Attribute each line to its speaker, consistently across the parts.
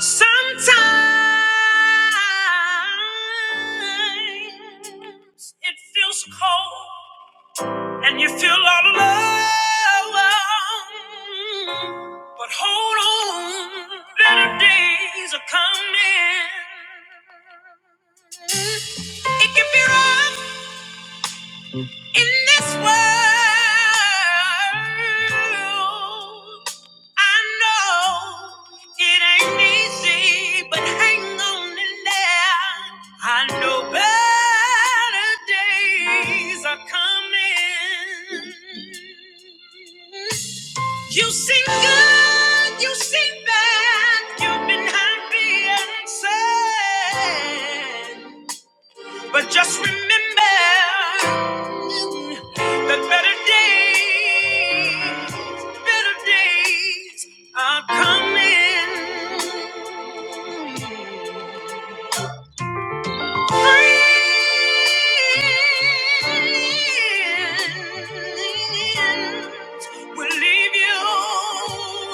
Speaker 1: Sometimes it feels cold and you feel all alone. But hold on, better days are coming. It can be rough. In this world, I know it ain't easy, but hang on in there. I know better days are coming. You seem good, you seem bad, you've been happy and sad. But just remember that better days, better days are coming. Friends will leave you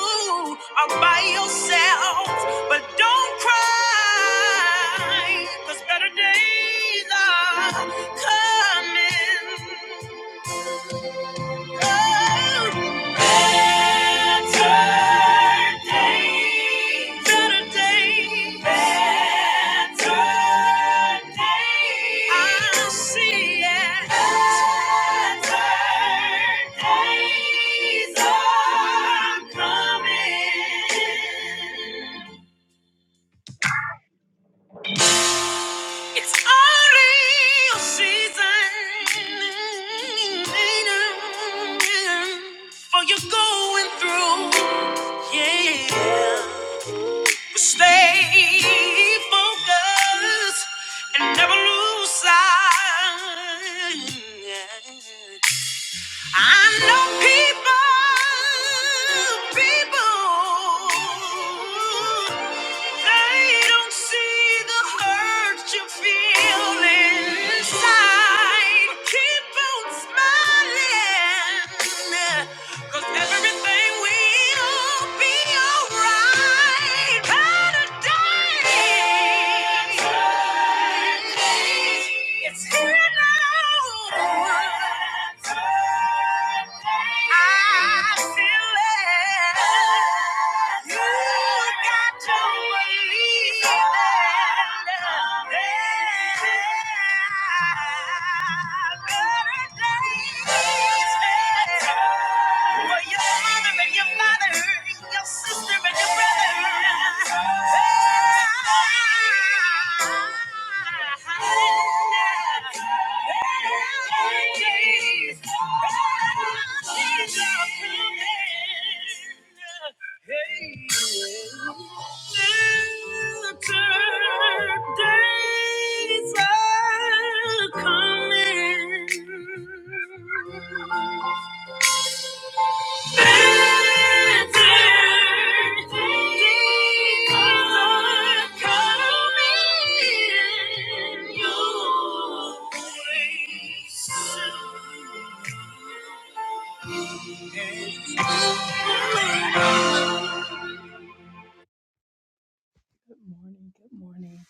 Speaker 1: all by yourself, but don't cry, 'cause better days are coming. Coming. It's only a season for you going through. Yeah. But stay focused and never lose sight. I know people, people, they don't see the hurt you feel inside. Keep on smiling, 'cause everything will be alright. Better days. It's here now. I feel it. You got to believe it. Better days for your mother and your father, your sister and your brother. Days are coming morning, good morning.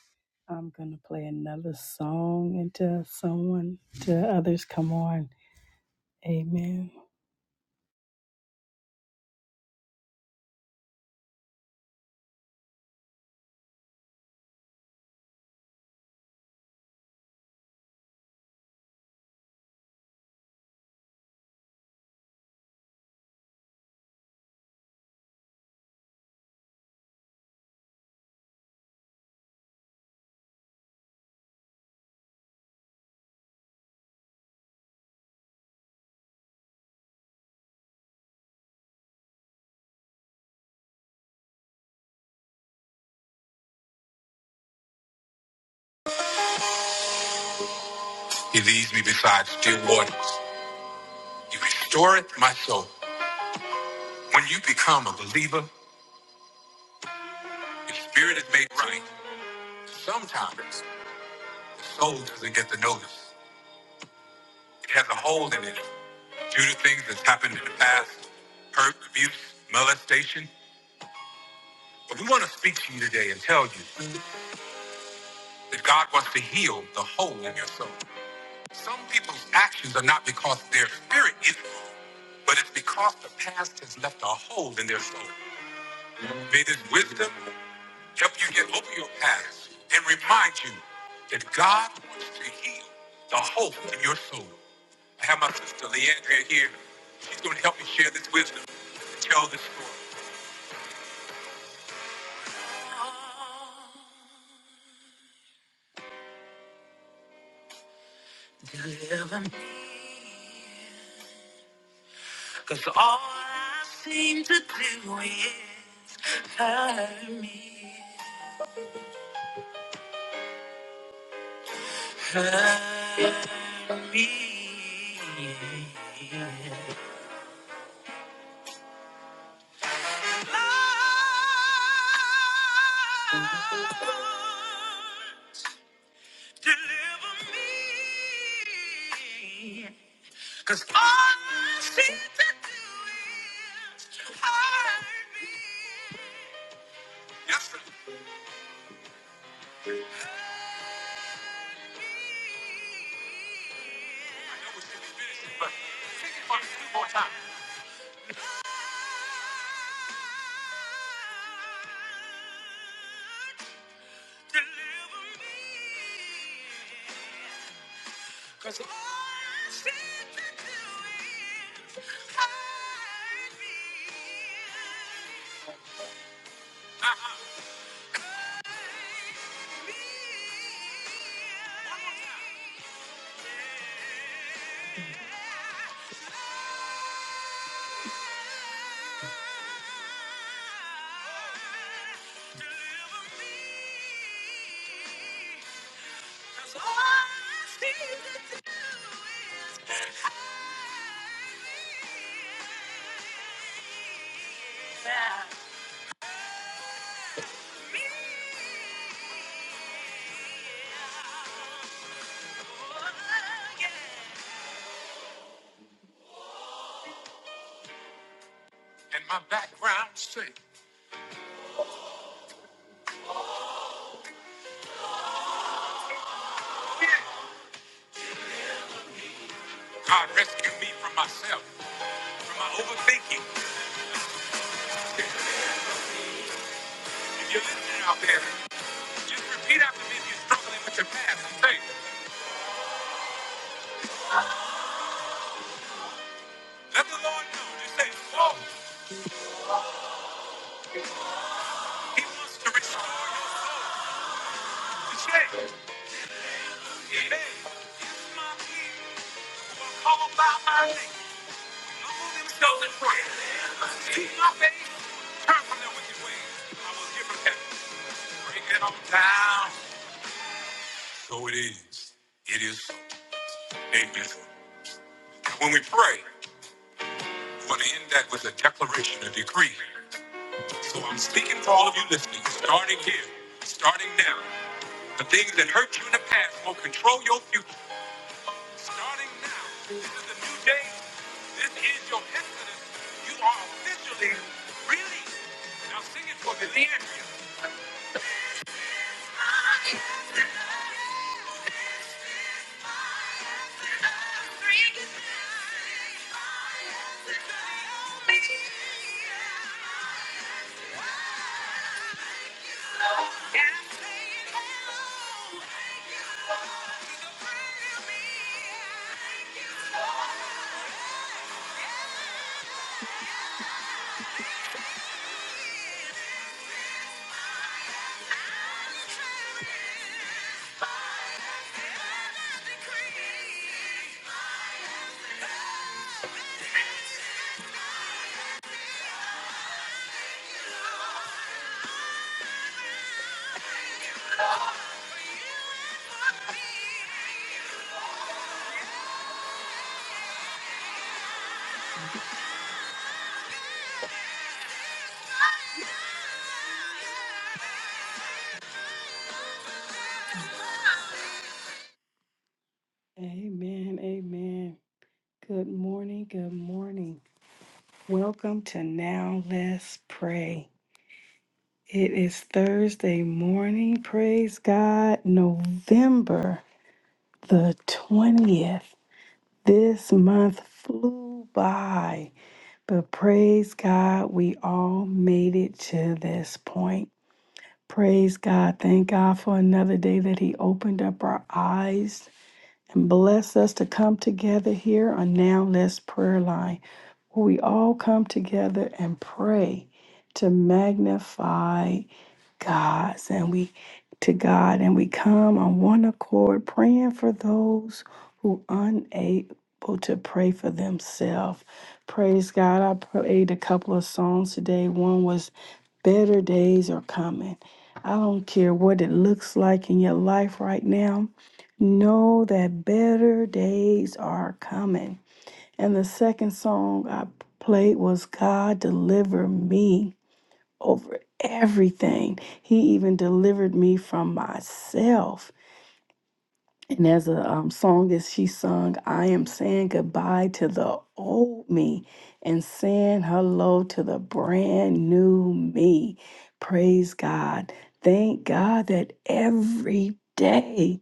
Speaker 1: I'm gonna play another song until someone to others come on. Amen. Cause all I seem to do is hurt me, hurt me. Lord, deliver me. Cause all I seem to do is hurt me, hurt me. Cause all I seem to do is hurt me. Hurt me. One more time. Yeah. Deliver me. Cause all I need to do is have you. Deliver me. Oh yeah. Break it for me. I'm saying hello. Amen. Amen. Good morning. Good morning. Welcome to Now Let's Pray. It is Thursday morning. Praise God. November the 20th. This month flew by, but praise God, we all made it to this point. Praise God. Thank God for another day that He opened up our eyes and bless us to come together here on Now Let's Prayer Line, where we all come together and pray to magnify God's and we to God and we come on one accord praying for those who unable to pray for themselves. Praise God. I prayed a couple of songs today. One was better days are coming. I don't care what it looks like in your life right now. Know that better days are coming. And the second song I played was God deliver me over everything. He even delivered me from myself. And as a um, song as she sung, I am saying goodbye to the old me and saying hello to the brand new me. Praise God. Thank God that every day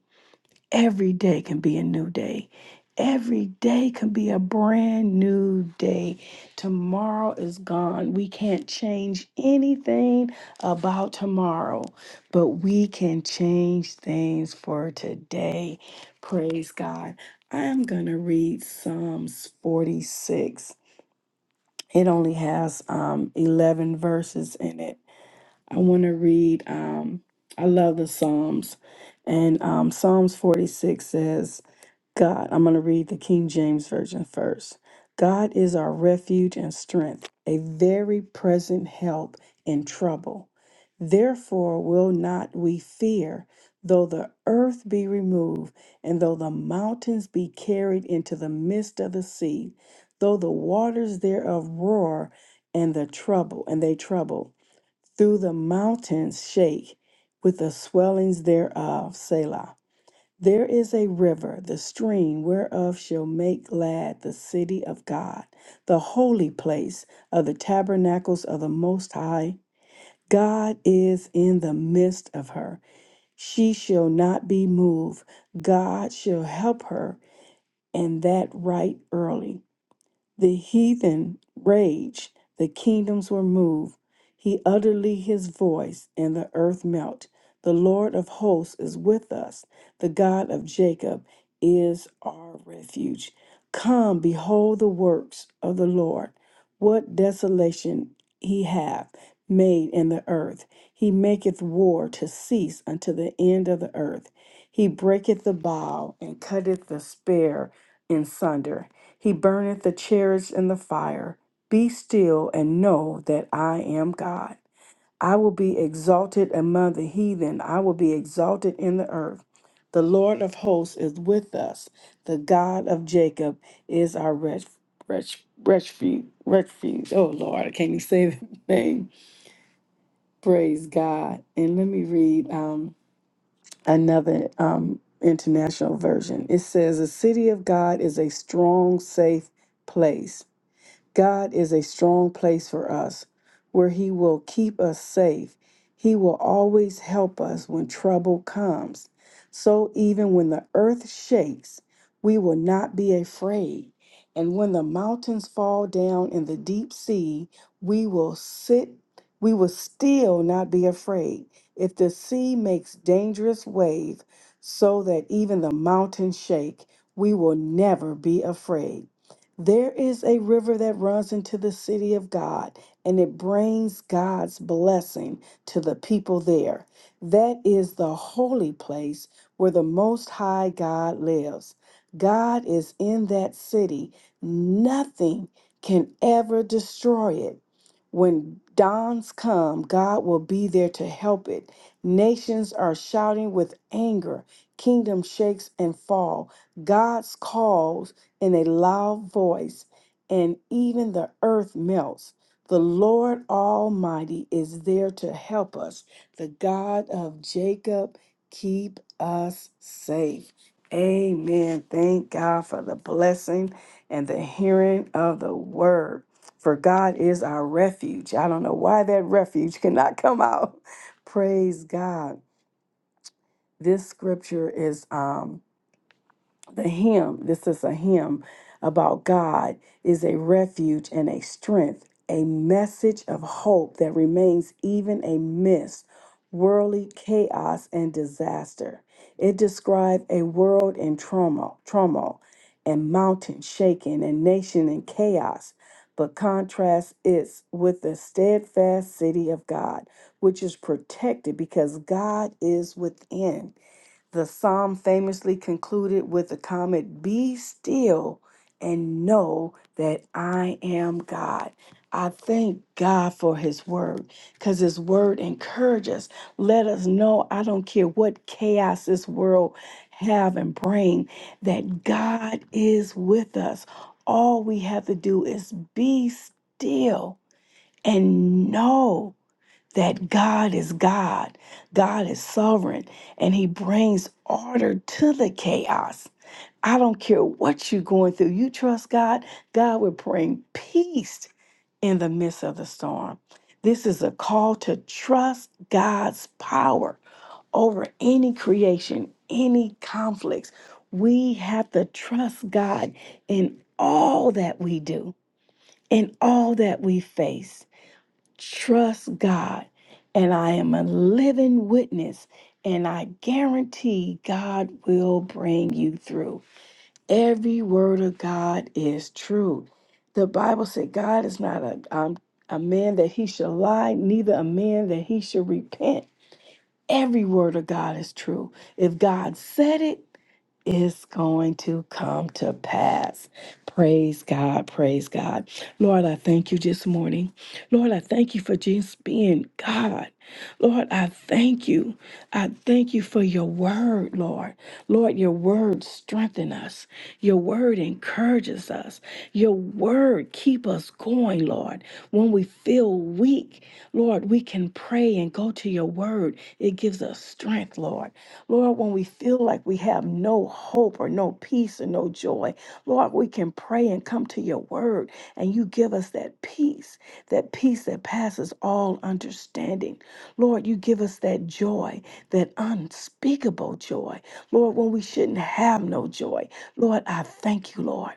Speaker 1: Every day can be a new day. Every day can be a brand new day. Tomorrow is gone. We can't change anything about tomorrow, but we can change things for today. Praise God. I'm going to read Psalms 46. It only has um, 11 verses in it. I want to read, um, I love the Psalms. And um, Psalms 46 says, God, I'm going to read the King James Version first. God is our refuge and strength, a very present help in trouble. Therefore, will not we fear, though the earth be removed, and though the mountains be carried into the midst of the sea, though the waters thereof roar, and the trouble, and they trouble, through the mountains shake with the swellings thereof, Selah. There is a river, the stream whereof shall make glad the city of God, the holy place of the tabernacles of the Most High. God is in the midst of her. She shall not be moved. God shall help her, and that right early. The heathen raged, the kingdoms were moved. He utterly his voice, and the earth melt. The Lord of hosts is with us. The God of Jacob is our refuge. Come, behold the works of the Lord. What desolation he hath made in the earth. He maketh war to cease unto the end of the earth. He breaketh the bow and cutteth the spear in sunder. He burneth the chariots in the fire. Be still and know that I am God. I will be exalted among the heathen. I will be exalted in the earth. The Lord of hosts is with us. The God of Jacob is our refuge. Ref, ref, Refuge, refuge. Oh Lord, I can't even say the name. Praise God. And let me read um, another um, international version. It says, "The city of God is a strong, safe place." God is a strong place for us where He will keep us safe. He will always help us when trouble comes. So even when the earth shakes, we will not be afraid. And when the mountains fall down in the deep sea, we will sit, we will still not be afraid. If the sea makes dangerous wave so that even the mountains shake, we will never be afraid. There is a river that runs into the city of God, and it brings God's blessing to the people there. That is the holy place where the Most High God lives. God is in that city. Nothing can ever destroy it. When dawns come, God will be there to help it. Nations are shouting with anger. Kingdom shakes and fall. God's call in a loud voice, and even the earth melts. The Lord Almighty is there to help us. The God of Jacob, keep us safe. Amen. Thank God for the blessing and the hearing of the word. For God is our refuge. I don't know why that refuge cannot come out. Praise God. This scripture is um the hymn, this is a hymn about God, is a refuge and a strength, a message of hope that remains even amidst worldly chaos and disaster. It describes a world in trauma, turmoil, and mountain shaking, and nation in chaos, but contrasts it with the steadfast city of God, which is protected because God is within. The psalm famously concluded with the comment, Be still and know that I am God. I thank God for his word because his word encourages us. Let us know, I don't care what chaos this world have and bring, that God is with us. All we have to do is be still and know that God is God, God is sovereign, and He brings order to the chaos. I don't care what you're going through. You trust God, God will bring peace in the midst of the storm. This is a call to trust God's power over any creation, any conflicts. We have to trust God in all that we do, in all that we face trust God. And I am a living witness. And I guarantee God will bring you through. Every word of God is true. The Bible said God is not a, um, a man that he shall lie, neither a man that he shall repent. Every word of God is true. If God said it, is going to come to pass. Praise God. Praise God. Lord, I thank you this morning. Lord, I thank you for just being God. Lord, I thank you. I thank you for your word, Lord. Lord, your word strengthen us. Your word encourages us. Your word keep us going, Lord. When we feel weak, Lord, we can pray and go to your word. It gives us strength, Lord. Lord, when we feel like we have no hope or no peace or no joy, Lord, we can pray and come to your word and you give us that peace, that peace that passes all understanding. Lord, you give us that joy, that unspeakable joy. Lord, when we shouldn't have no joy, Lord, I thank you, Lord.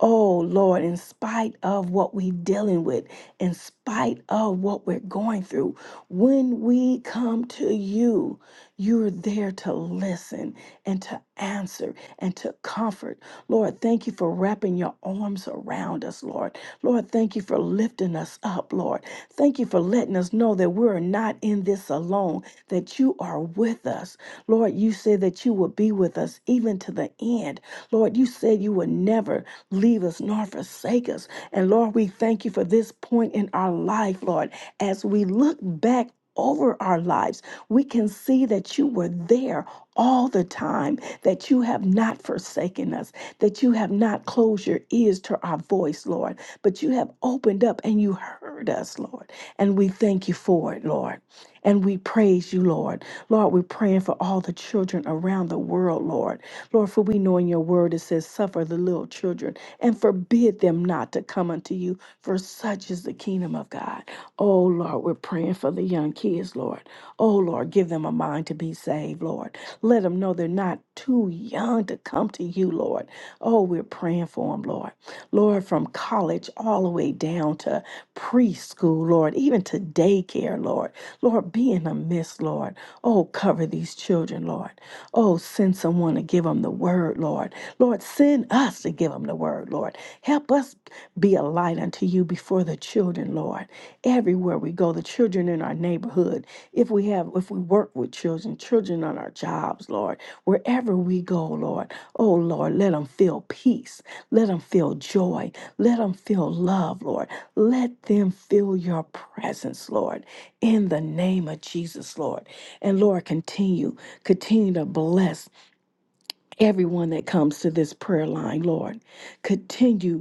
Speaker 1: Oh Lord, in spite of what we're dealing with, in spite of what we're going through, when we come to you, you're there to listen and to answer and to comfort. Lord, thank you for wrapping your arms around us, Lord. Lord, thank you for lifting us up, Lord. Thank you for letting us know that we're not in this alone, that you are with us. Lord, you said that you would be with us even to the end. Lord, you said you would never leave us nor forsake us. And Lord, we thank you for this point in our life, Lord, as we look back over our lives we can see that you were there all the time, that you have not forsaken us, that you have not closed your ears to our voice, Lord, but you have opened up and you heard us, Lord. And we thank you for it, Lord. And we praise you, Lord. Lord, we're praying for all the children around the world, Lord. Lord, for we know in your word it says, Suffer the little children and forbid them not to come unto you, for such is the kingdom of God. Oh, Lord, we're praying for the young kids, Lord. Oh, Lord, give them a mind to be saved, Lord. Let them know they're not too young to come to you, Lord. Oh, we're praying for them, Lord. Lord, from college all the way down to preschool, Lord, even to daycare, Lord. Lord, be in the midst, Lord. Oh, cover these children, Lord. Oh, send someone to give them the word, Lord. Lord, send us to give them the word, Lord. Help us be a light unto you before the children, Lord everywhere we go the children in our neighborhood if we have if we work with children children on our jobs lord wherever we go lord oh lord let them feel peace let them feel joy let them feel love lord let them feel your presence lord in the name of jesus lord and lord continue continue to bless everyone that comes to this prayer line lord continue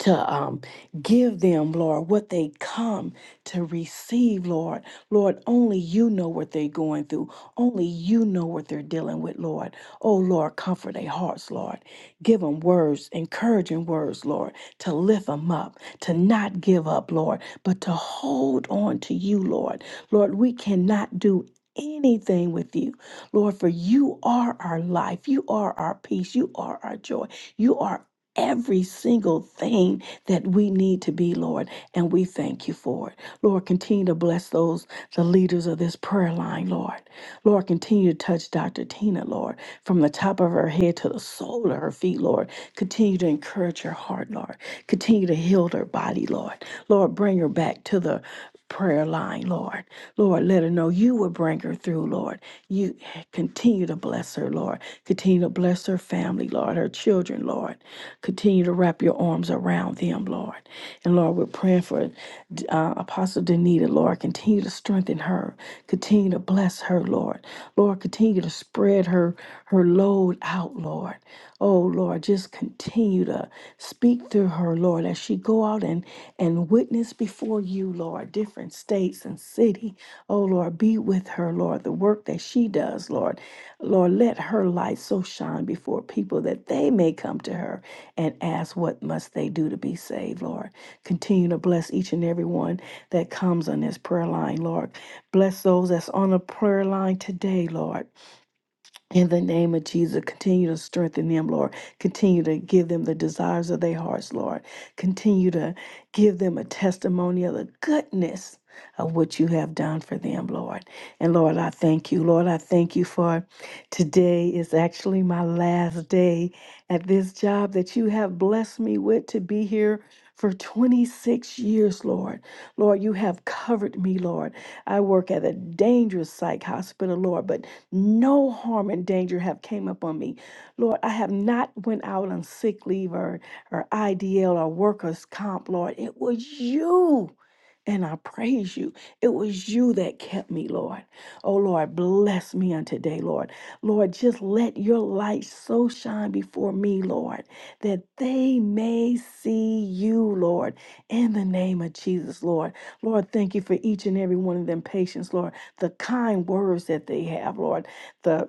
Speaker 1: to um, give them, Lord, what they come to receive, Lord. Lord, only you know what they're going through. Only you know what they're dealing with, Lord. Oh, Lord, comfort their hearts, Lord. Give them words, encouraging words, Lord, to lift them up, to not give up, Lord, but to hold on to you, Lord. Lord, we cannot do anything with you, Lord, for you are our life. You are our peace. You are our joy. You are every single thing that we need to be, Lord, and we thank you for it. Lord, continue to bless those, the leaders of this prayer line, Lord. Lord, continue to touch Dr. Tina, Lord, from the top of her head to the sole of her feet, Lord. Continue to encourage her heart, Lord. Continue to heal her body, Lord. Lord, bring her back to the prayer line, Lord. Lord, let her know you will bring her through, Lord. You continue to bless her, Lord. Continue to bless her family, Lord, her children, Lord. Lord. Continue to wrap your arms around them, Lord. And Lord, we're praying for uh, Apostle Danita, Lord. Continue to strengthen her. Continue to bless her, Lord. Lord, continue to spread her her load out, Lord. Oh Lord, just continue to speak through her, Lord, as she go out and and witness before you, you, Lord, different states and city. Oh, Lord, be with her, Lord, the work that she does, Lord. Lord, let her light so shine before people that they may come to her and ask what must they do to be saved, Lord. Continue to bless each and every one that comes on this prayer line, Lord. Bless those that's on the prayer line today, Lord. In the name of Jesus, continue to strengthen them, Lord. Continue to give them the desires of their hearts, Lord. Continue to give them a testimony of the goodness of what you have done for them, Lord. And Lord, I thank you. Lord, I thank you for today is actually my last day at this job that you have blessed me with to be here for 26 years, Lord. Lord, you have covered me, Lord. I work at a dangerous psych hospital, Lord, but no harm and danger have came upon me. Lord, I have not went out on sick leave or, or IDL or workers comp, Lord. It was you. And I praise you. It was you that kept me, Lord. Oh, Lord, bless me on today, Lord. Lord, just let your light so shine before me, Lord, that they may see you, Lord, in the name of Jesus, Lord. Lord, thank you for each and every one of them patients, Lord, the kind words that they have, Lord, the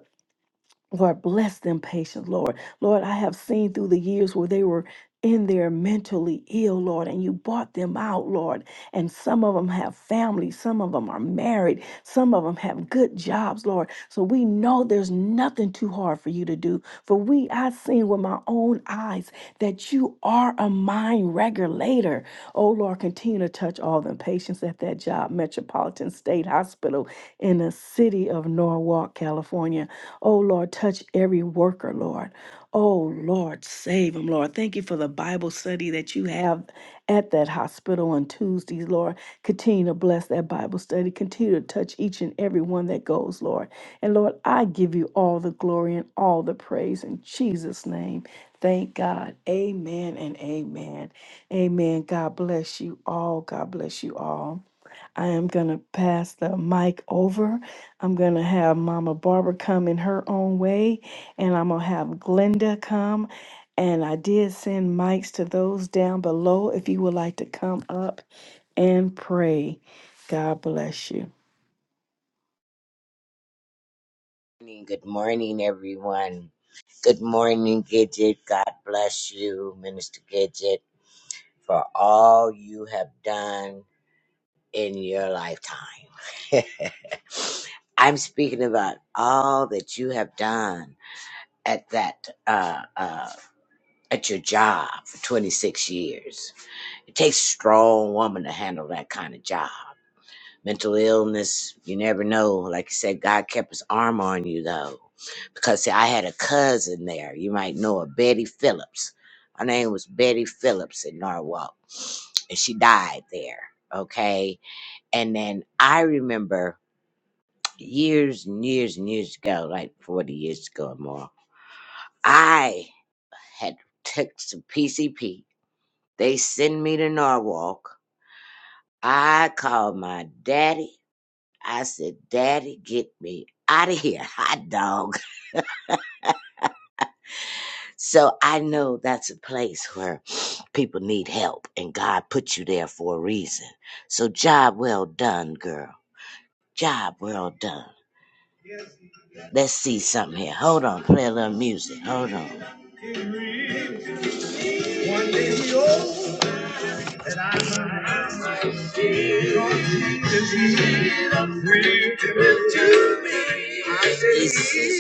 Speaker 1: Lord, bless them patience, Lord. Lord, I have seen through the years where they were in there mentally ill, Lord, and you bought them out, Lord. And some of them have families, some of them are married, some of them have good jobs, Lord. So we know there's nothing too hard for you to do. For we, I've seen with my own eyes that you are a mind regulator. Oh, Lord, continue to touch all the patients at that job, Metropolitan State Hospital in the city of Norwalk, California. Oh, Lord, touch every worker, Lord. Oh, Lord, save them, Lord. Thank you for the Bible study that you have at that hospital on Tuesdays, Lord. Continue to bless that Bible study. Continue to touch each and every one that goes, Lord. And Lord, I give you all the glory and all the praise in Jesus' name. Thank God. Amen and amen. Amen. God bless you all. God bless you all. I am going to pass the mic over. I'm going to have Mama Barbara come in her own way, and I'm going to have Glenda come. And I did send mics to those down below if you would like to come up and pray. God bless you.
Speaker 2: morning. Good morning, everyone. Good morning, Gidget. God bless you, Minister Gidget, for all you have done in your lifetime. I'm speaking about all that you have done at that uh, uh, at your job for 26 years. It takes a strong woman to handle that kind of job. mental illness, you never know. Like you said, God kept his arm on you though. Because see, I had a cousin there. You might know her, Betty Phillips. Her name was Betty Phillips in Norwalk. And she died there. Okay. And then I remember years and years and years ago, like 40 years ago or more, I had took some PCP. They send me to Norwalk. I called my daddy I said, Daddy, get me out of here, hot dog. So I know that's a place where people need help, and God put you there for a reason. So, job well done, girl. Job well done. Let's see something here. Hold on, play a little music. Hold on. One day we all This is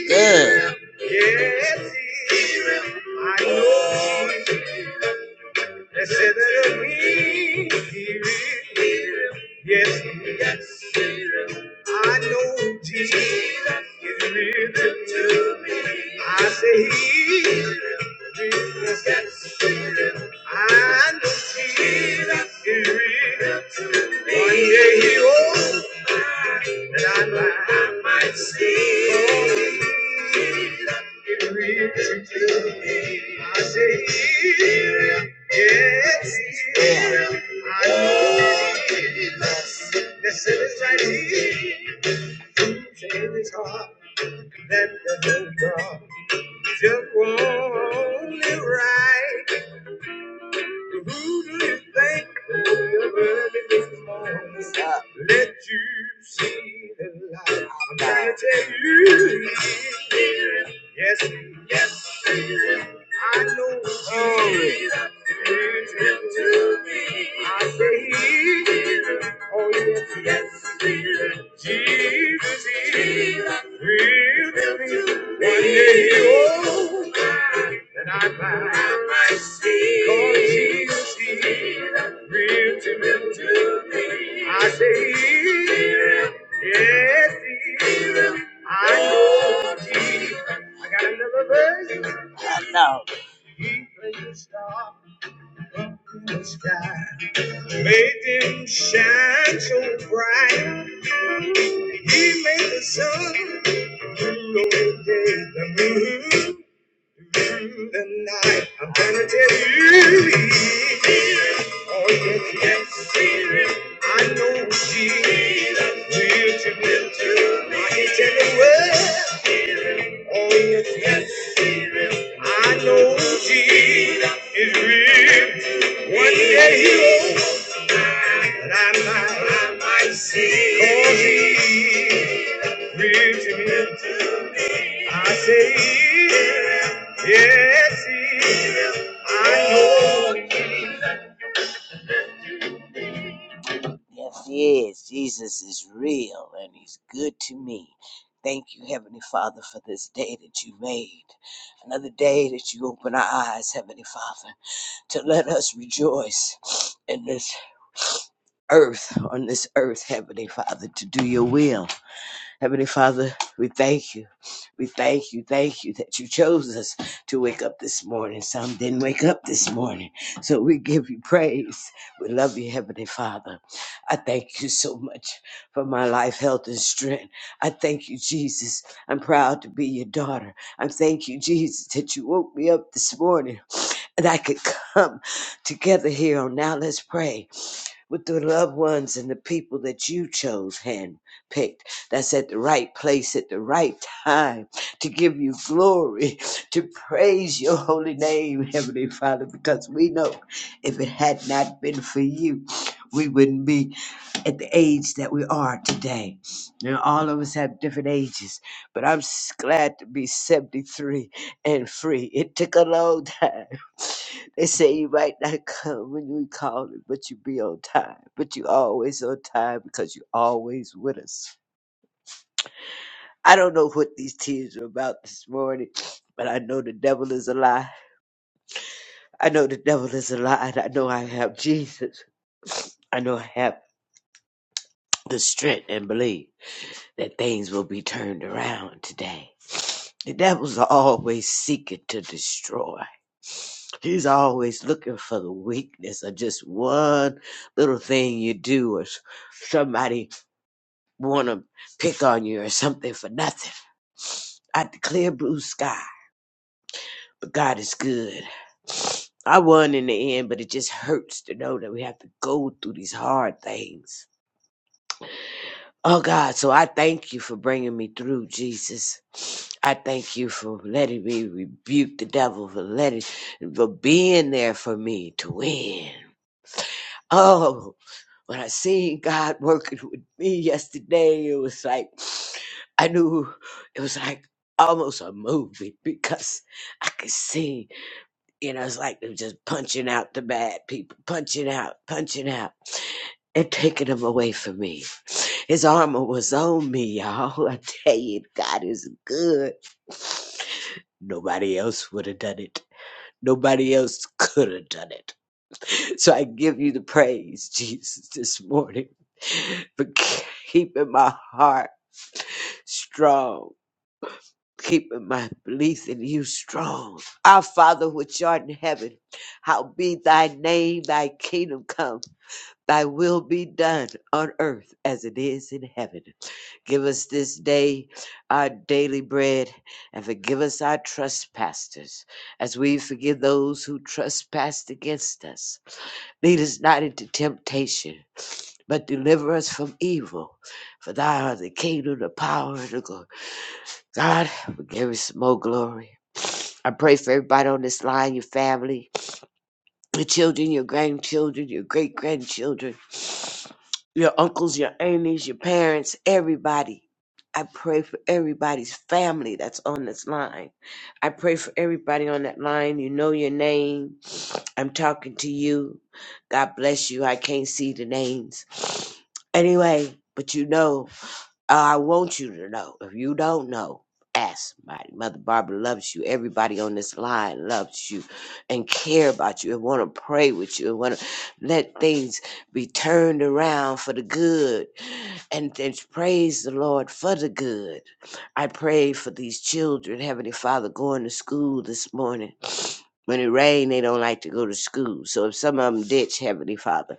Speaker 2: good. Yes, I know they said that we Yes, yes, I know Jesus is real to me. I say he is Yes, I know Jesus is real. to me. That the good God just won't live right. The rudest thing of early this morning. Stop. Let you see the light. I'm gonna tell you. Yes, yes. I know He is good to me. I say Oh yes, yes. Jesus is real to me. One day, oh, that I might see. Cause Jesus is real to me. I say Yes, He is. I know Jesus. I got another version. He placed a star up in the sky. Made them shine so bright. He made the sun blue over the moon. through The night, I'm gonna tell you. Oh yes, yes, I know she will to me too. I can tell the world. Oh, yes, yes, he I know Jesus is real. One day he I might, I might see. Cause he real to me. I say, he yes, I know. Yes, he is. Jesus is real and he's good to me. Thank you, Heavenly Father, for this day that you made. Another day that you open our eyes, Heavenly Father, to let us rejoice in this earth, on this earth, Heavenly Father, to do your will. Heavenly Father, we thank you. We thank you, thank you that you chose us to wake up this morning. Some didn't wake up this morning. So we give you praise. We love you, Heavenly Father. I thank you so much for my life, health, and strength. I thank you, Jesus. I'm proud to be your daughter. I thank you, Jesus, that you woke me up this morning and I could come together here on Now Let's Pray with the loved ones and the people that you chose, handpicked, that's at the right place at the right time to give you glory, to praise your holy name, Heavenly Father, because we know if it had not been for you, we wouldn't be at the age that we are today. And all of us have different ages, but I'm s- glad to be 73 and free. It took a long time. They say you might not come when we call it, but you be on time. But you always on time because you always with us. I don't know what these tears are about this morning, but I know the devil is a lie. I know the devil is a lie. and I know I have Jesus. I know I have the strength and believe. that things will be turned around today. The devil's always seeking to destroy. He's always looking for the weakness of just one little thing you do or s- somebody want to pick on you or something for nothing. I declare blue sky, but God is good. I won in the end, but it just hurts to know that we have to go through these hard things Oh God, so I thank you for bringing me through, Jesus. I thank you for letting me rebuke the devil, for letting, for being there for me to win. Oh, when I seen God working with me yesterday, it was like, I knew it was like almost a movie because I could see, you know, it's like it was just punching out the bad people, punching out, punching out and taking them away from me. His armor was on me, y'all. I tell you, God is good. Nobody else would have done it. Nobody else could have done it. So I give you the praise, Jesus, this morning for keeping my heart strong, keeping my belief in you strong. Our Father which art in heaven, how be thy name, thy kingdom come. Thy will be done on earth as it is in heaven. Give us this day our daily bread and forgive us our trespasses as we forgive those who trespass against us. Lead us not into temptation, but deliver us from evil. For thou art the kingdom, the power, and the glory. God, give us more glory. I pray for everybody on this line, your family, your children, your grandchildren, your great grandchildren, your uncles, your aunties, your parents, everybody. I pray for everybody's family that's on this line. I pray for everybody on that line. You know your name. I'm talking to you. God bless you. I can't see the names. Anyway, but you know. I want you to know. If you don't know, ask somebody. Mother Barbara loves you. Everybody on this line loves you and care about you and want to pray with you and want to let things be turned around for the good and, and praise the Lord for the good. I pray for these children, Heavenly Father, going to school this morning. When it rains, they don't like to go to school. So if some of them ditch, Heavenly Father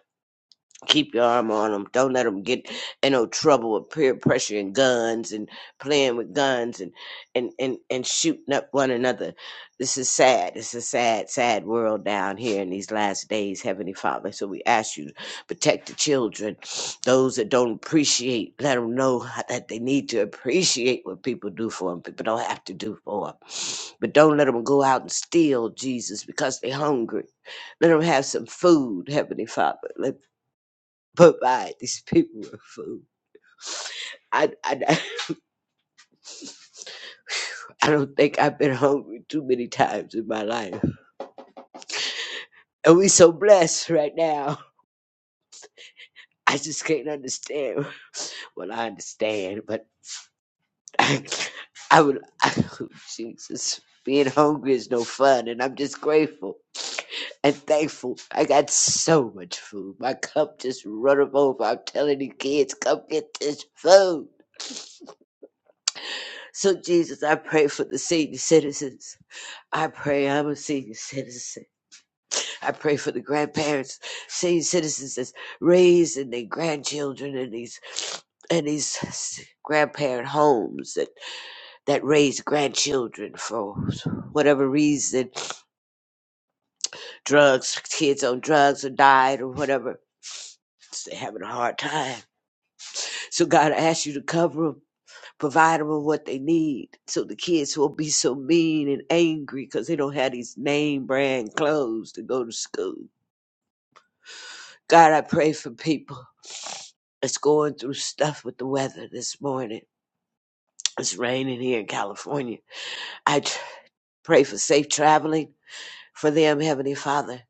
Speaker 2: keep your arm on them. Don't let them get in no trouble with peer pressure and guns and playing with guns and and and and shooting up one another. This is sad. It's a sad, sad world down here in these last days, Heavenly Father. So we ask you to protect the children. Those that don't appreciate, let them know that they need to appreciate what people do for them. People don't have to do for them. But don't let them go out and steal, Jesus, because they're hungry. Let them have some food, Heavenly Father. Let provide these people with food. I, I, I don't think I've been hungry too many times in my life. And we so blessed right now. I just can't understand. Well, I understand, but I, I would, I, Jesus, being hungry is no fun. And I'm just grateful and thankful. I got so much food. My cup just runneth over. I'm telling you kids, come get this food. So, Jesus, I pray for the senior citizens. I pray I'm a senior citizen. I pray for the grandparents, senior citizens that's raised and their grandchildren and these and these grandparent homes that, that raise grandchildren for whatever reason, drugs, kids on drugs or died or whatever. They're having a hard time. So God, I ask you to cover them, provide them with what they need, so the kids won't be so mean and angry because they don't have these name brand clothes to go to school. God, I pray for people that's going through stuff with the weather this morning. It's raining here in California. I tr- pray for safe traveling for them, Heavenly Father.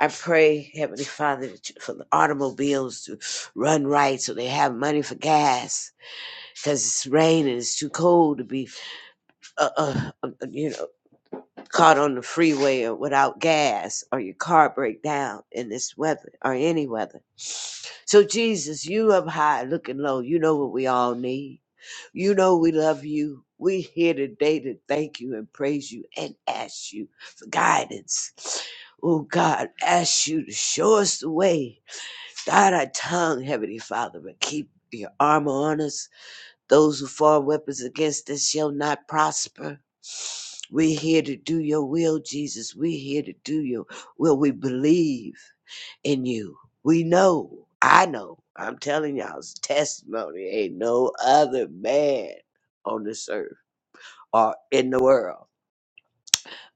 Speaker 2: I pray, Heavenly Father, that you- for the automobiles to run right so they have money for gas because it's raining. It's too cold to be, uh, uh, uh, you know. caught on the freeway or without gas or your car break down in this weather or any weather. So Jesus, you up high looking low. You know what we all need. You know we love you. We here today to thank you and praise you and ask you for guidance. Oh God, ask you to show us the way. Guide our tongue, Heavenly Father, but keep your armor on us those who form weapons against us shall not prosper. We're here to do your will, Jesus. We're here to do your will. We believe in you. We know. I know. I'm telling y'all, it's testimony. Ain't no other man on this earth or in the world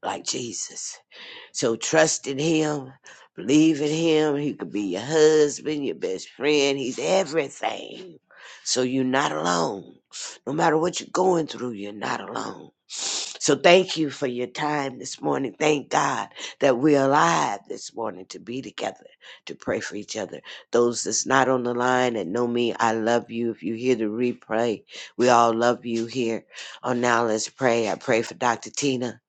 Speaker 2: like Jesus. So trust in him, believe in him. He could be your husband, your best friend. He's everything. So you're not alone. No matter what you're going through, you're not alone. So thank you for your time this morning. Thank God that we're alive this morning to be together, to pray for each other. Those that's not on the line that know me, I love you. If you hear the replay, we all love you here. On Now Let's Pray. I pray for Dr. Tina.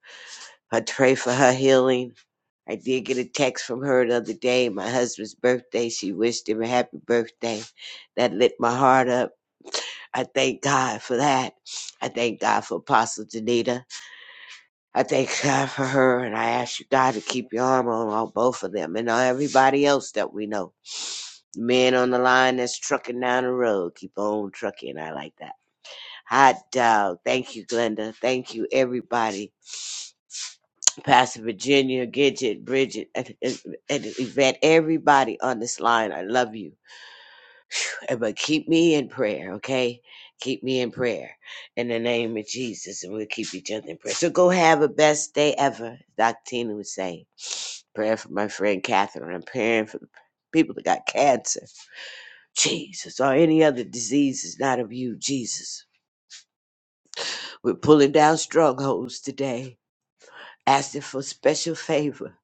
Speaker 2: I pray for her healing. I did get a text from her the other day, my husband's birthday. She wished him a happy birthday. That lit my heart up. I thank God for that. I thank God for Apostle Danita. I thank God for her, and I ask you, God, to keep your arm on, on both of them and on everybody else that we know. The man on the line that's trucking down the road, keep on trucking. I like that. Hot dog. Thank you, Glenda. Thank you, everybody. Pastor Virginia, Gidget, Bridget, and, and, and Yvette, everybody on this line, I love you. But keep me in prayer, okay? Keep me in prayer in the name of Jesus, and we'll keep each other in prayer. So go have a best day ever, Dr. Tina would say. Prayer for my friend Catherine. I'm praying for the people that got cancer, Jesus, or any other diseases not of you, Jesus. We're pulling down strongholds today, asking for special favor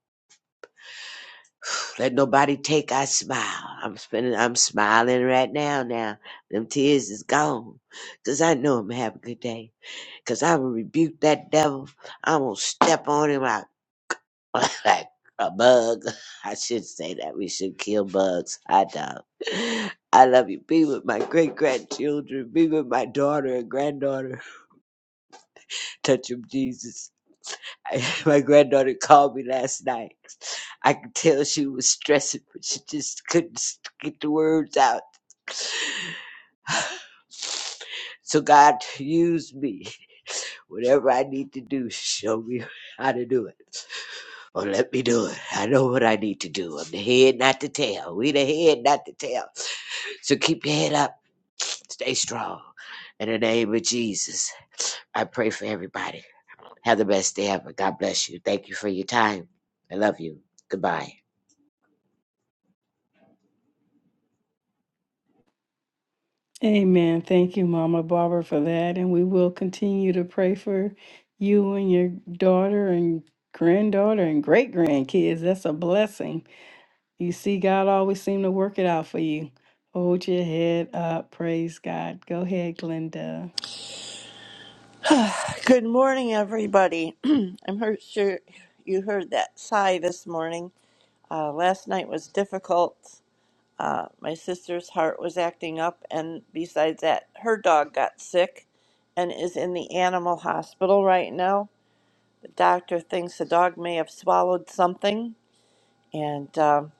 Speaker 2: Let nobody take our smile. I'm spending, I'm smiling right now. Now them tears is gone, 'cause I know I'm having a good day. 'Cause I will rebuke that devil. I'm gonna step on him like like a bug. I should say that we should kill bugs. I don't. I love you. Be with my great grandchildren. Be with my daughter and granddaughter. Touch Touch 'em, Jesus. My granddaughter called me last night. I could tell she was stressing, but she just couldn't s- get the words out. So God, use me. Whatever I need to do, show me how to do it. Or let me do it. I know what I need to do. I'm the head, not the tail. We the head, not the tail. So keep your head up. Stay strong. In the name of Jesus, I pray for everybody. Have the best day ever. God bless you. Thank you for your time. I love you. Goodbye.
Speaker 1: Amen. Thank you, Mama Barbara, for that. And we will continue to pray for you and your daughter and granddaughter and great grandkids. That's a blessing You see, God always seem to work it out for you. Hold your head up. Praise God. Go ahead, Glenda.
Speaker 3: Good morning, everybody. I'm heard, sure you heard that sigh this morning. Uh, last night was difficult. Uh, my sister's heart was acting up, and besides that, her dog got sick and is in the animal hospital right now. The doctor thinks the dog may have swallowed something. And um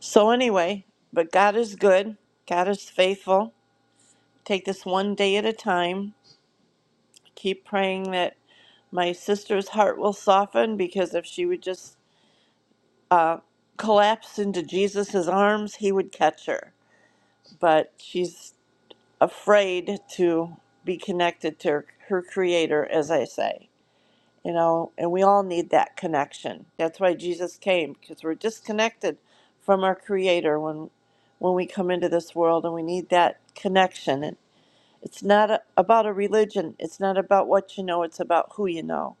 Speaker 3: so, anyway, but God is good, God is faithful. Take this one day at a time. Keep praying that My sister's heart will soften because if she would just uh, collapse into Jesus' arms, he would catch her. But she's afraid to be connected to her, her creator, as I say. You know, and we all need that connection. That's why Jesus came, because we're disconnected from our creator when when we come into this world and we need that connection. And it's not a, about a religion. It's not about what you know. It's about who you know.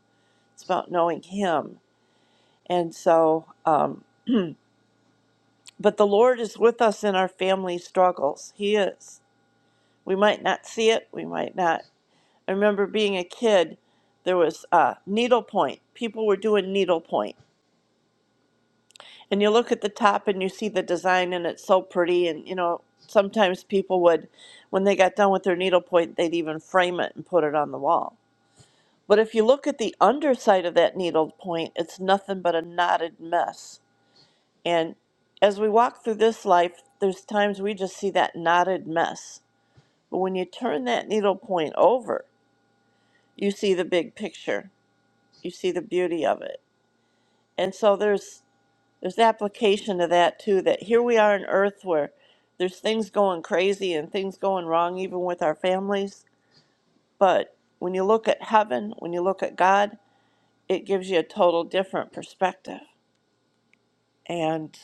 Speaker 3: It's about knowing him And so, um, but the Lord is with us in our family struggles. He is. We might not see it. We might not. I remember being a kid, there was uh, needlepoint. People were doing needlepoint. And you look at the top and you see the design and it's so pretty. And, you know, sometimes people would, when they got done with their needlepoint, they'd even frame it and put it on the wall. But if you look at the underside of that needlepoint, it's nothing but a knotted mess And as we walk through this life, there's times we just see that knotted mess. But when you turn that needle point over, you see the big picture. You see the beauty of it. And so there's there's application to that too that here we are on earth where there's things going crazy and things going wrong even with our families, but when you look at heaven, when you look at God, it gives you a total different perspective. And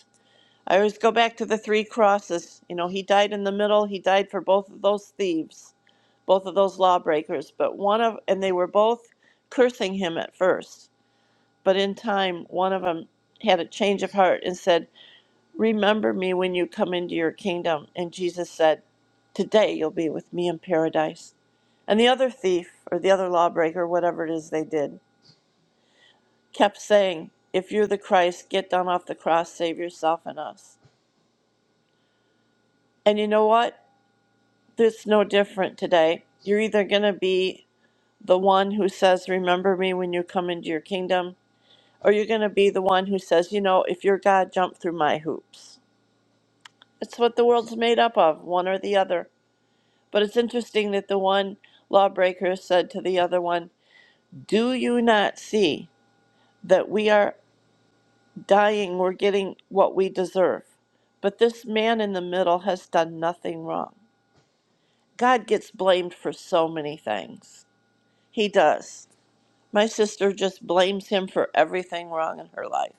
Speaker 3: I always go back to the three crosses. You know, he died in the middle. He died for both of those thieves, both of those lawbreakers. But one of, and they were both cursing him at first. But in time, one of them had a change of heart and said, Remember me when you come into your kingdom. And Jesus said, Today you'll be with me in paradise. And the other thief, or the other lawbreaker, whatever it is they did, kept saying, If you're the Christ, get down off the cross, save yourself and us. And you know what? It's no different today. You're either going to be the one who says, Remember me when you come into your kingdom, or you're going to be the one who says, You know, if you're God, jump through my hoops. It's what the world's made up of, one or the other. But it's interesting that the one lawbreaker said to the other one, Do you not see that we are dying? We're getting what we deserve. But this man in the middle has done nothing wrong. God gets blamed for so many things. He does My sister just blames him for everything wrong in her life.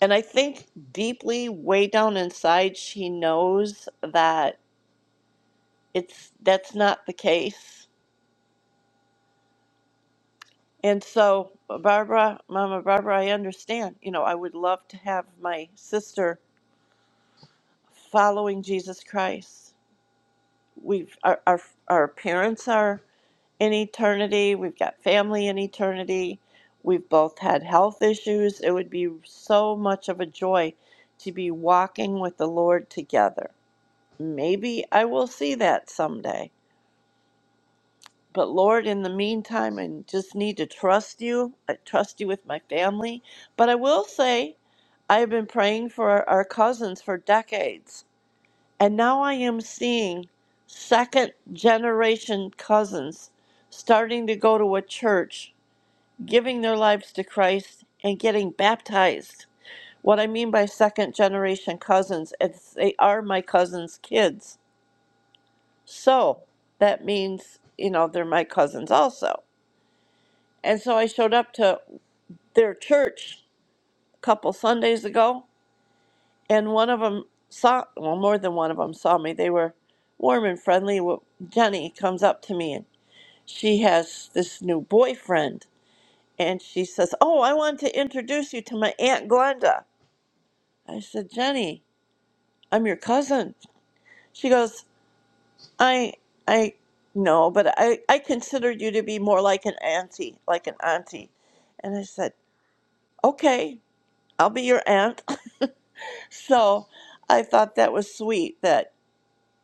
Speaker 3: And I think deeply, way down inside, she knows that it's that's not the case. And so, Barbara, Mama Barbara, I understand. You know, I would love to have my sister following Jesus Christ. We, our, our, our parents are in eternity. We've got family in eternity. We've both had health issues. It would be so much of a joy to be walking with the Lord together. Maybe I will see that someday. But Lord, in the meantime, I just need to trust you. I trust you with my family. But I will say, I have been praying for our cousins for decades. And now I am seeing second generation cousins starting to go to a church giving their lives to Christ, and getting baptized. What I mean by second generation cousins is they are my cousin's kids. So that means, you know, they're my cousins also. And so I showed up to their church a couple Sundays ago, and one of them saw, well, more than one of them saw me. They were warm and friendly. Well, Jenny comes up to me and she has this new boyfriend. And she says, Oh, I want to introduce you to my Aunt Glenda. I said, Jenny, I'm your cousin. She goes, I, I know, but I, I considered you to be more like an auntie, like an auntie. And I said, okay, I'll be your aunt. so I thought that was sweet that,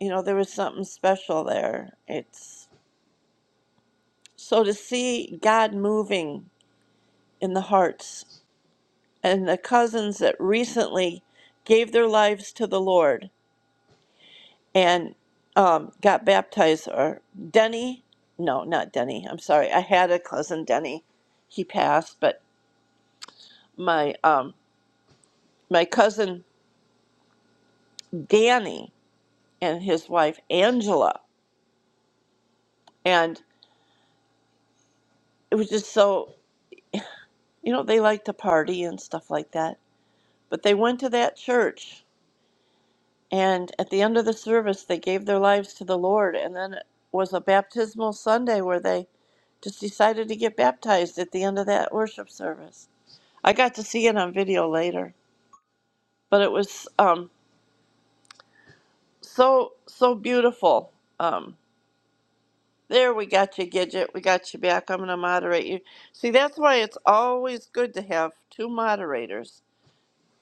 Speaker 3: you know, there was something special there. It's so to see God moving in the hearts and the cousins that recently gave their lives to the Lord and um, got baptized. Or Denny, no, not Denny. I'm sorry. I had a cousin Denny. He passed, but my um, my cousin Danny and his wife Angela, and it was just so you know they like to party and stuff like that. But they went to that church, and at the end of the service, they gave their lives to the Lord, and then it was a baptismal Sunday where they just decided to get baptized at the end of that worship service I got to see it on video later, but it was um, so so beautiful. Um, there we got you, Gidget. We got you back. I'm going to moderate you. See, that's why it's always good to have two moderators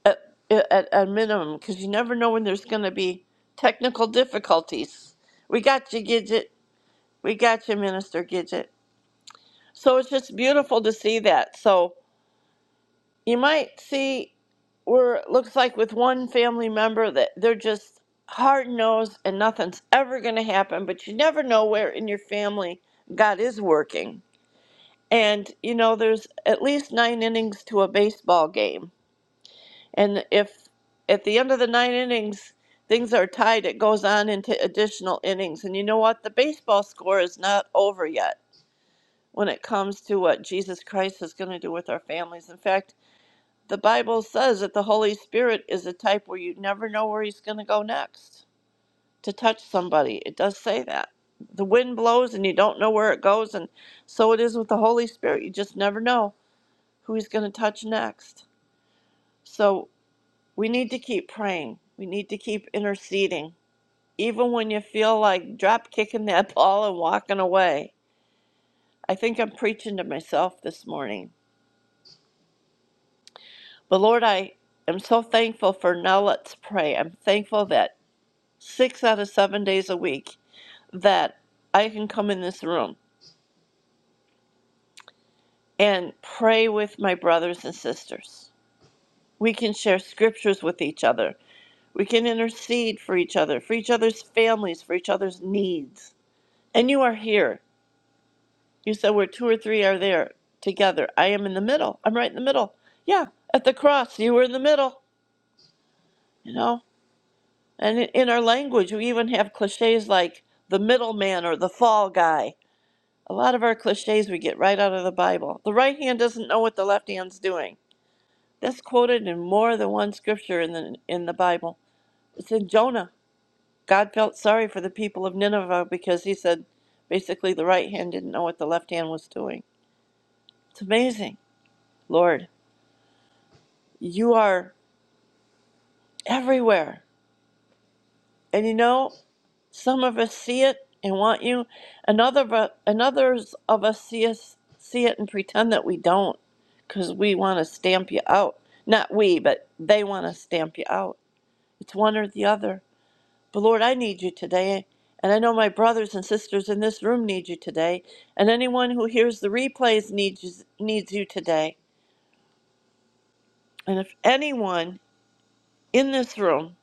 Speaker 3: at at, at minimum because you never know when there's going to be technical difficulties. We got you, Gidget. We got you, Minister Gidget. So it's just beautiful to see that. So you might see. we're looks like with one family member that they're just hard nosed and nothing's ever going to happen but you never know where in your family god is working and you know there's at least nine innings to a baseball game and if at the end of the nine innings things are tied it goes on into additional innings and you know what the baseball score is not over yet when it comes to what jesus christ is going to do with our families in fact the Bible says that the Holy Spirit is a type where you never know where he's going to go next to touch somebody. It does say that. The wind blows and you don't know where it goes. And so it is with the Holy Spirit. You just never know who he's going to touch next. So we need to keep praying. We need to keep interceding. Even when you feel like drop kicking that ball and walking away. I think I'm preaching to myself this morning. But Lord, I am so thankful for now let's pray. I'm thankful that six out of seven days a week that I can come in this room and pray with my brothers and sisters. We can share scriptures with each other. We can intercede for each other, for each other's families, for each other's needs. And you are here. You said where two or three are there together. I am in the middle. I'm right in the middle. Yeah, at the cross, you were in the middle, you know? And in our language, we even have cliches like the middleman or the fall guy A lot of our cliches we get right out of the Bible. The right hand doesn't know what the left hand's doing. That's quoted in more than one scripture in the in the Bible. It's in Jonah. God felt sorry for the people of Nineveh because he said basically the right hand didn't know what the left hand was doing. It's amazing. Lord, you are everywhere. And you know, Some of us see it and want you, another of us, another's of us see us see it and pretend that we don't, because we want to stamp you out. Not we, but they want to stamp you out. It's one or the other. But Lord, I need you today, and I know my brothers and sisters in this room need you today, and anyone who hears the replays needs you, needs you today. And if anyone in this room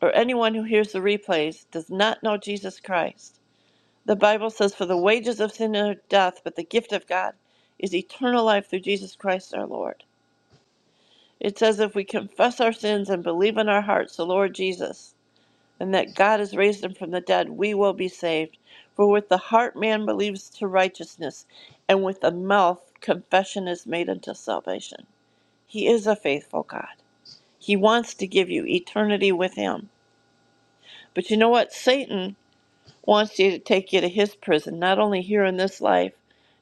Speaker 3: or anyone who hears the replays does not know Jesus Christ, The Bible says, For the wages of sin is death, but the gift of God is eternal life through Jesus Christ our Lord. It says, If we confess our sins and believe in our hearts the Lord Jesus, and that God has raised him from the dead, we will be saved. For with the heart man believes to righteousness, and with the mouth confession is made unto salvation. He is a faithful God. He wants to give you eternity with him. But you know what? Satan wants you to take you to his prison, not only here in this life.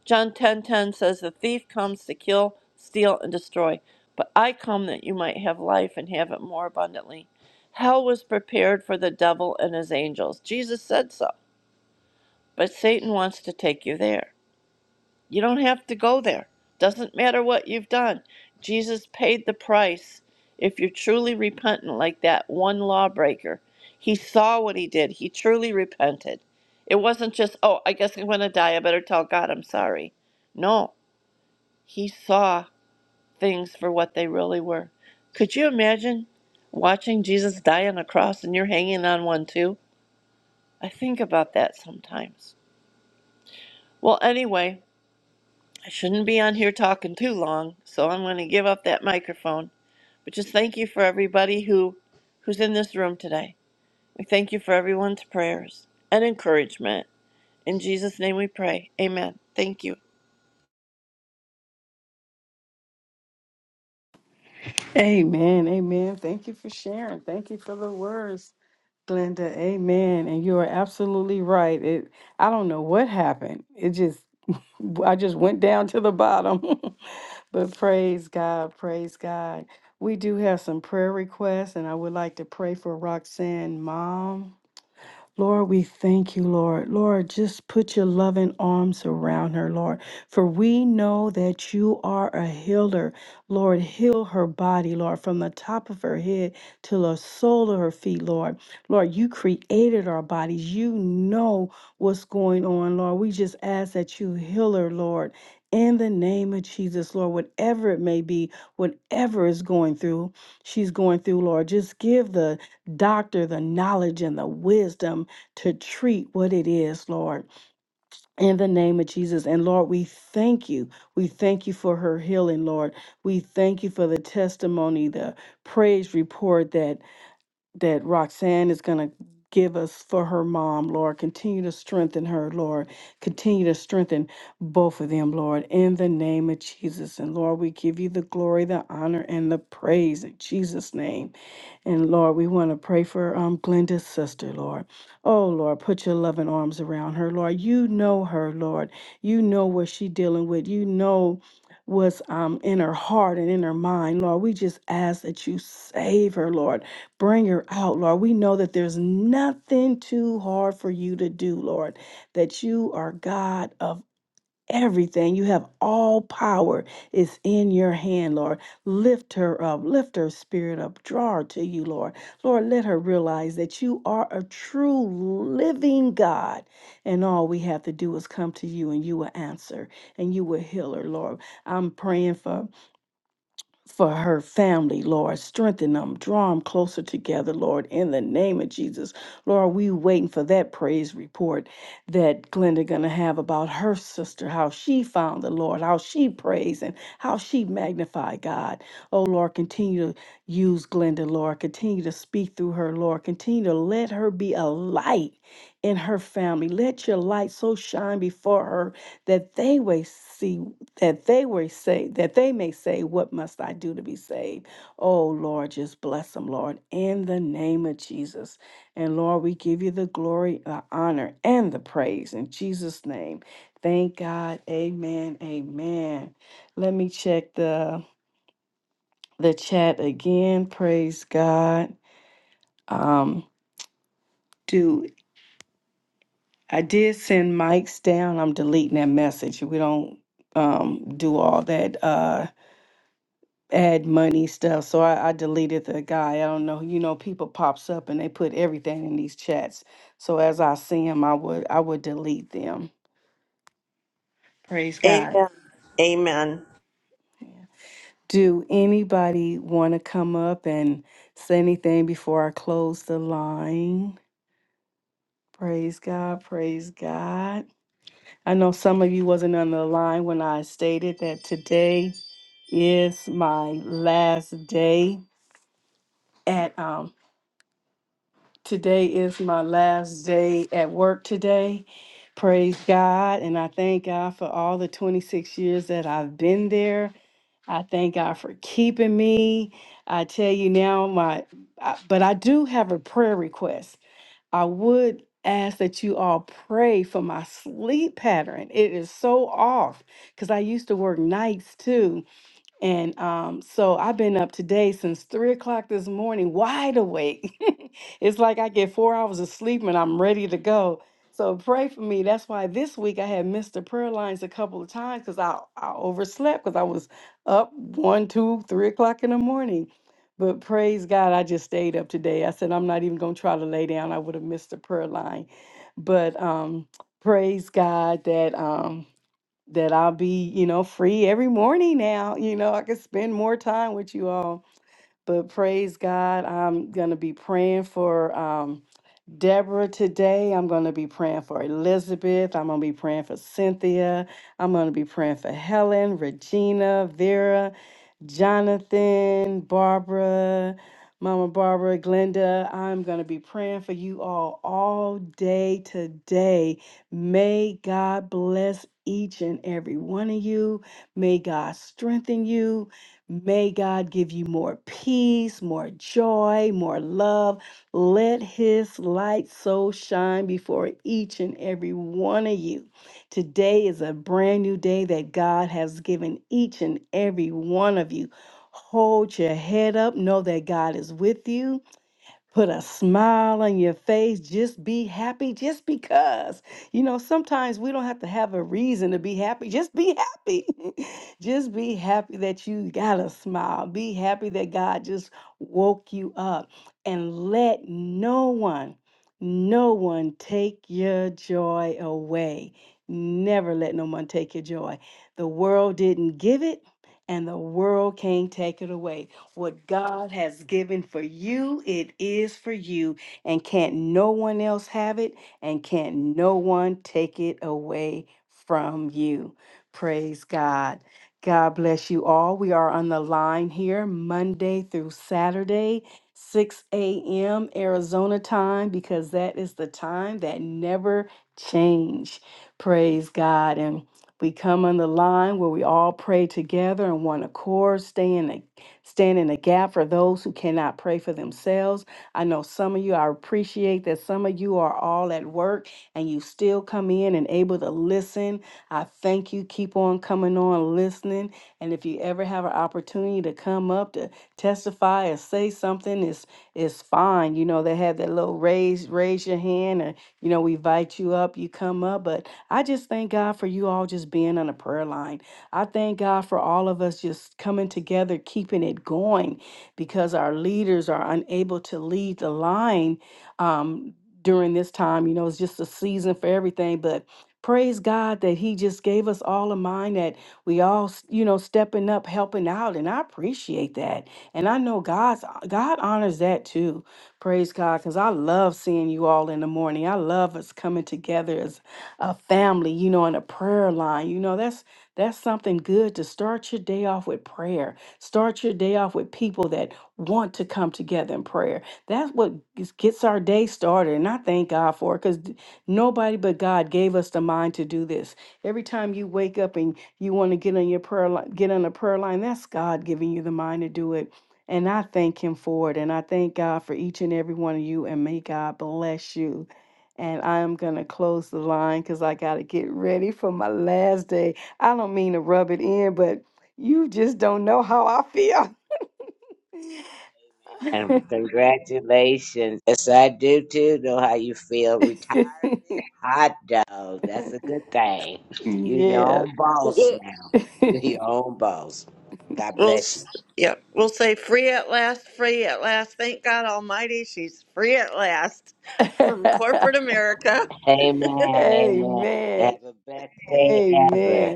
Speaker 3: John 10:10 says, "The thief comes to kill, steal, and destroy, but I come that you might have life and have it more abundantly." Hell was prepared for the devil and his angels. Jesus said so, but Satan wants to take you there. You don't have to go there. Doesn't matter what you've done. Jesus paid the price if you're truly repentant, like that one lawbreaker. He saw what he did, he truly repented. It wasn't just, oh, I guess I'm going to die. I better tell God I'm sorry. No, he saw things for what they really were. Could you imagine watching Jesus die on a cross and you're hanging on one too? I think about that sometimes. Well, anyway, I shouldn't be on here talking too long, so I'm going to give up that microphone. But just thank you for everybody who who's in this room today. We thank you for everyone's prayers and encouragement. In Jesus' name we pray. Amen. Thank you.
Speaker 1: Amen. Amen. Thank you for sharing. Thank you for the words, Glenda. Amen. And you are absolutely right. It I don't know what happened. It just I just went down to the bottom. but praise God. Praise God. We do have some prayer requests, and I would like to pray for Roxanne mom. Lord, we thank you, Lord. Lord, just put your loving arms around her, Lord. For we know that you are a healer. Lord, heal her body, Lord, from the top of her head to the sole of her feet, Lord. Lord, you created our bodies. You know what's going on, Lord. We just ask that you heal her, Lord. In the name of Jesus, Lord, whatever it may be, whatever is going through, she's going through, Lord, just give the doctor the knowledge and the wisdom to treat what it is, Lord, in the name of Jesus. And Lord, we thank you. We thank you for her healing, Lord. We thank you for the testimony, the praise report that that Roxanne is going to give us for her mom, Lord. Continue to strengthen her, Lord. Continue to strengthen both of them, Lord, in the name of Jesus. And Lord, we give you the glory, the honor, and the praise in Jesus' name. And Lord, we want to pray for um, Glenda's sister, Lord. Oh, Lord, put your loving arms around her, Lord. You know her, Lord. You know what she's dealing with. You know what's um, in her heart and in her mind, Lord. We just ask that you save her, Lord. Bring her out, Lord. We know that there's nothing too hard for you to do, Lord, that you are God of everything. You have all power It's in your hand, Lord. Lift her up, lift her spirit up, draw her to you, Lord. Lord, let her realize that you are a true living God, and all we have to do is come to you and you will answer and you will heal her, Lord. I'm praying for for her family, Lord. Strengthen them, draw them closer together, Lord, in the name of Jesus. Lord, we waiting for that praise report that Glenda gonna have about her sister, how she found the Lord, how she praised and how she magnified God. Oh Lord, continue to use Glenda, Lord. Continue to speak through her, Lord. Continue to let her be a light in her family. Let your light so shine before her that they may see that they were saved, that they may say, What must I do to be saved? Oh Lord, just bless them, Lord, in the name of Jesus. And Lord, we give you the glory, the honor, and the praise in Jesus' name. Thank God. Amen. Amen. Let me check the the chat again. Praise God. Um, do I did send mics down. I'm deleting that message. We don't um do all that. uh ad money stuff. So I, I deleted the guy. I don't know. You know, people pops up and they put everything in these chats. So as I see them, I would I would delete them. Praise
Speaker 3: Amen.
Speaker 1: God.
Speaker 3: Amen.
Speaker 1: Yeah. Do anybody want to come up and say anything before I close the line? Praise God. Praise God. I know some of you wasn't on the line when I stated that today is my last day at um Today is my last day at work today. Praise God. And I thank God for all the 26 years that I've been there. I thank God for keeping me. I tell you now, my, I- but I do have a prayer request. I would ask that you all pray for my sleep pattern. It is so off because I used to work nights too. And um, so I've been up today since three o'clock this morning, wide awake. it's like I get four hours of sleep and I'm ready to go. So pray for me. That's why this week I had missed the prayer lines a couple of times because I, I overslept because I was up one, two, three o'clock in the morning. But praise God, I just stayed up today. I said, I'm not even going to try to lay down. I would have missed the prayer line. But um, praise God that. Um, that I'll be, you know, free every morning now. You know, I can spend more time with you all. But praise God, I'm gonna be praying for. Um, Deborah today. I'm going to be praying for Elizabeth. I'm going to be praying for Cynthia. I'm going to be praying for Helen, Regina, Vera, Jonathan, Barbara, Mama Barbara, Glenda. I'm going to be praying for you all all day today. May God bless each and every one of you. May God strengthen you. May God give you more peace, more joy, more love let his light so shine before each and every one of you. Today is a brand new day that God has given each and every one of you. Hold your head up. Know that God is with you put a smile on your face, just be happy just because. You know, sometimes we don't have to have a reason to be happy. Just be happy. just be happy that you got a smile. Be happy that God just woke you up and let no one no one take your joy away. Never let no one take your joy. The world didn't give it and the world can't take it away. What God has given for you, it is for you. And can't no one else have it? And can't no one take it away from you? Praise God. God bless you all. We are on the line here Monday through Saturday. 6 a.m. Arizona time because that is the time that never change. Praise God. And we come on the line where we all pray together in one accord, staying stand in the gap for those who cannot pray for themselves. I know some of you, I appreciate that some of you are all at work and you still come in and able to listen. I thank you. Keep on coming on listening. And if you ever have an opportunity to come up to testify or say something, it's it's fine. You know, they have that little raise, raise your hand, or you know, we invite you up, you come up. But I just thank God for you all just being on the prayer line. I thank God for all of us just coming together, keeping it going, because our leaders are unable to lead the line um, during this time. You know, it's just a season for everything, but praise God that He just gave us all a mind that we all, s- you know, stepping up, helping out, and I appreciate that. And I know God's God honors that too. Praise God, because I love seeing you all in the morning. I love us coming together as a family, you know, in a prayer line. You know, that's that's something good to start your day off with prayer. Start your day off with people that want to come together in prayer. That's what gets gets our day started. And I thank God for it because nobody but God gave us the mind to do this. Every time you wake up and you want to get on your prayer line, get on a prayer line, that's God giving you the mind to do it. And I thank him for it. And I thank God for each and every one of you. And may God bless you. And I am going to close the line because I got to get ready for my last day. I don't mean to rub it in, but you just don't know how I feel.
Speaker 2: And congratulations. Yes, I do too. Know how you feel. Retired hot dog. That's a good thing. You're your
Speaker 1: yeah.
Speaker 2: own boss
Speaker 3: We'll,
Speaker 2: now. You're your own boss. God
Speaker 3: we'll
Speaker 2: bless you.
Speaker 3: s- yeah, we'll say free at last, free at last. Thank God Almighty, she's free at last from corporate America.
Speaker 2: Amen. Amen.
Speaker 1: Amen.
Speaker 2: Have the best day
Speaker 1: Amen.
Speaker 2: ever.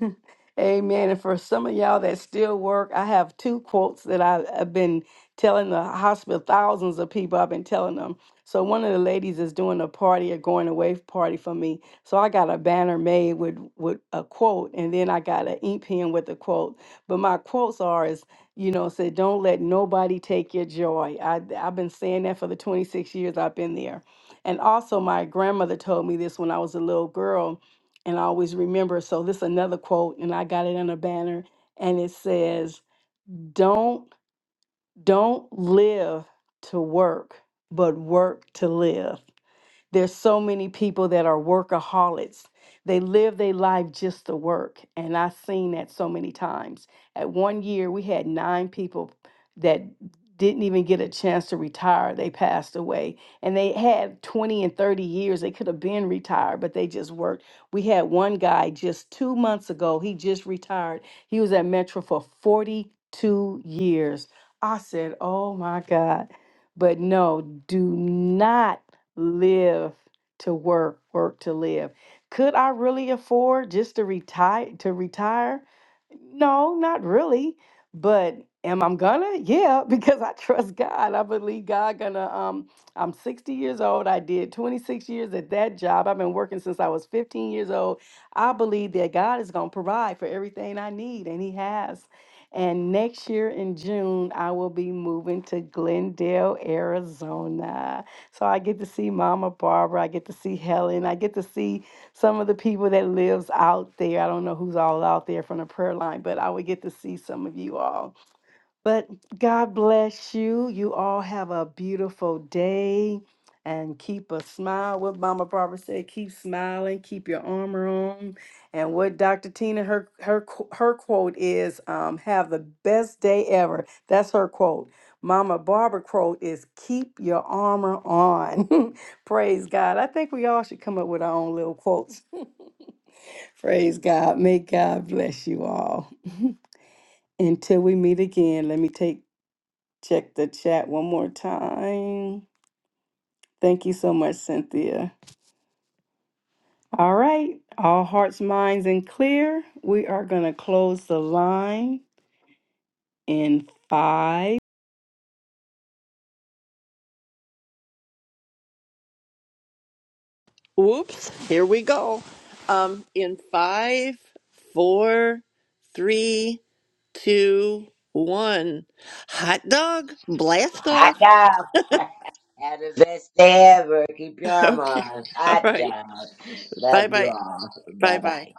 Speaker 1: Amen. And for some of y'all that still work, I have two quotes that I, have been telling the hospital, thousands of people, I've been telling them. So one of the ladies is doing a party, a going away party for me. So I got a banner made with, with a quote, and then I got an ink pen with a quote. But my quotes are is, you know, said, don't let nobody take your joy. I, I've been saying that for the 26 years I've been there. And also my grandmother told me this when I was a little girl and I always remember. So this is another quote, and I got it in a banner, and it says, "Don't don't live to work, but work to live." There's so many people that are workaholics. They live their life just to work. And I've seen that so many times. At one year, we had nine people that didn't even get a chance to retire. They passed away. And they had 20 and 30 years. They could have been retired, but they just worked. We had one guy just two months ago. He just retired. He was at Metro for 42 years. I said, Oh my God. But no, do not live to work, work to live. Could I really afford just to retire to retire? No, not really. But am I gonna? Yeah, because I trust God. I believe God gonna um I'm 60 years old. I did 26 years at that job. I've been working since I was 15 years old. I believe that God is gonna provide for everything I need, and He has. And next year in June, I will be moving to Glendale, Arizona. So I get to see Mama Barbara. I get to see Helen. I get to see some of the people that lives out there. I don't know who's all out there from the prayer line, but I would get to see some of you all. But God bless you. You all have a beautiful day and keep a smile. What Mama Barbara said, keep smiling, keep your armor on. And what Dr. Tina, her her qu- her quote is, um, have the best day ever. That's her quote. Mama Barbara quote is keep your armor on. Praise God. I think we all should come up with our own little quotes. Praise God. May God bless you all. Until we meet again, let me take Check the chat one more time. Thank you so much, Cynthia. All right, all hearts, minds, and clear. We are going to close the line in five.
Speaker 3: Whoops, here we go. Um, in five, four, three, two, one. Hot dog, blast
Speaker 2: Hot
Speaker 3: off.
Speaker 2: dog. Have the best day ever. Keep your arm
Speaker 3: Okay.
Speaker 2: on.
Speaker 3: All
Speaker 2: Hot
Speaker 3: right.
Speaker 2: dog.
Speaker 3: Bye
Speaker 2: Love you
Speaker 3: bye.
Speaker 2: all.
Speaker 3: Bye
Speaker 2: Bye
Speaker 3: bye.
Speaker 2: bye.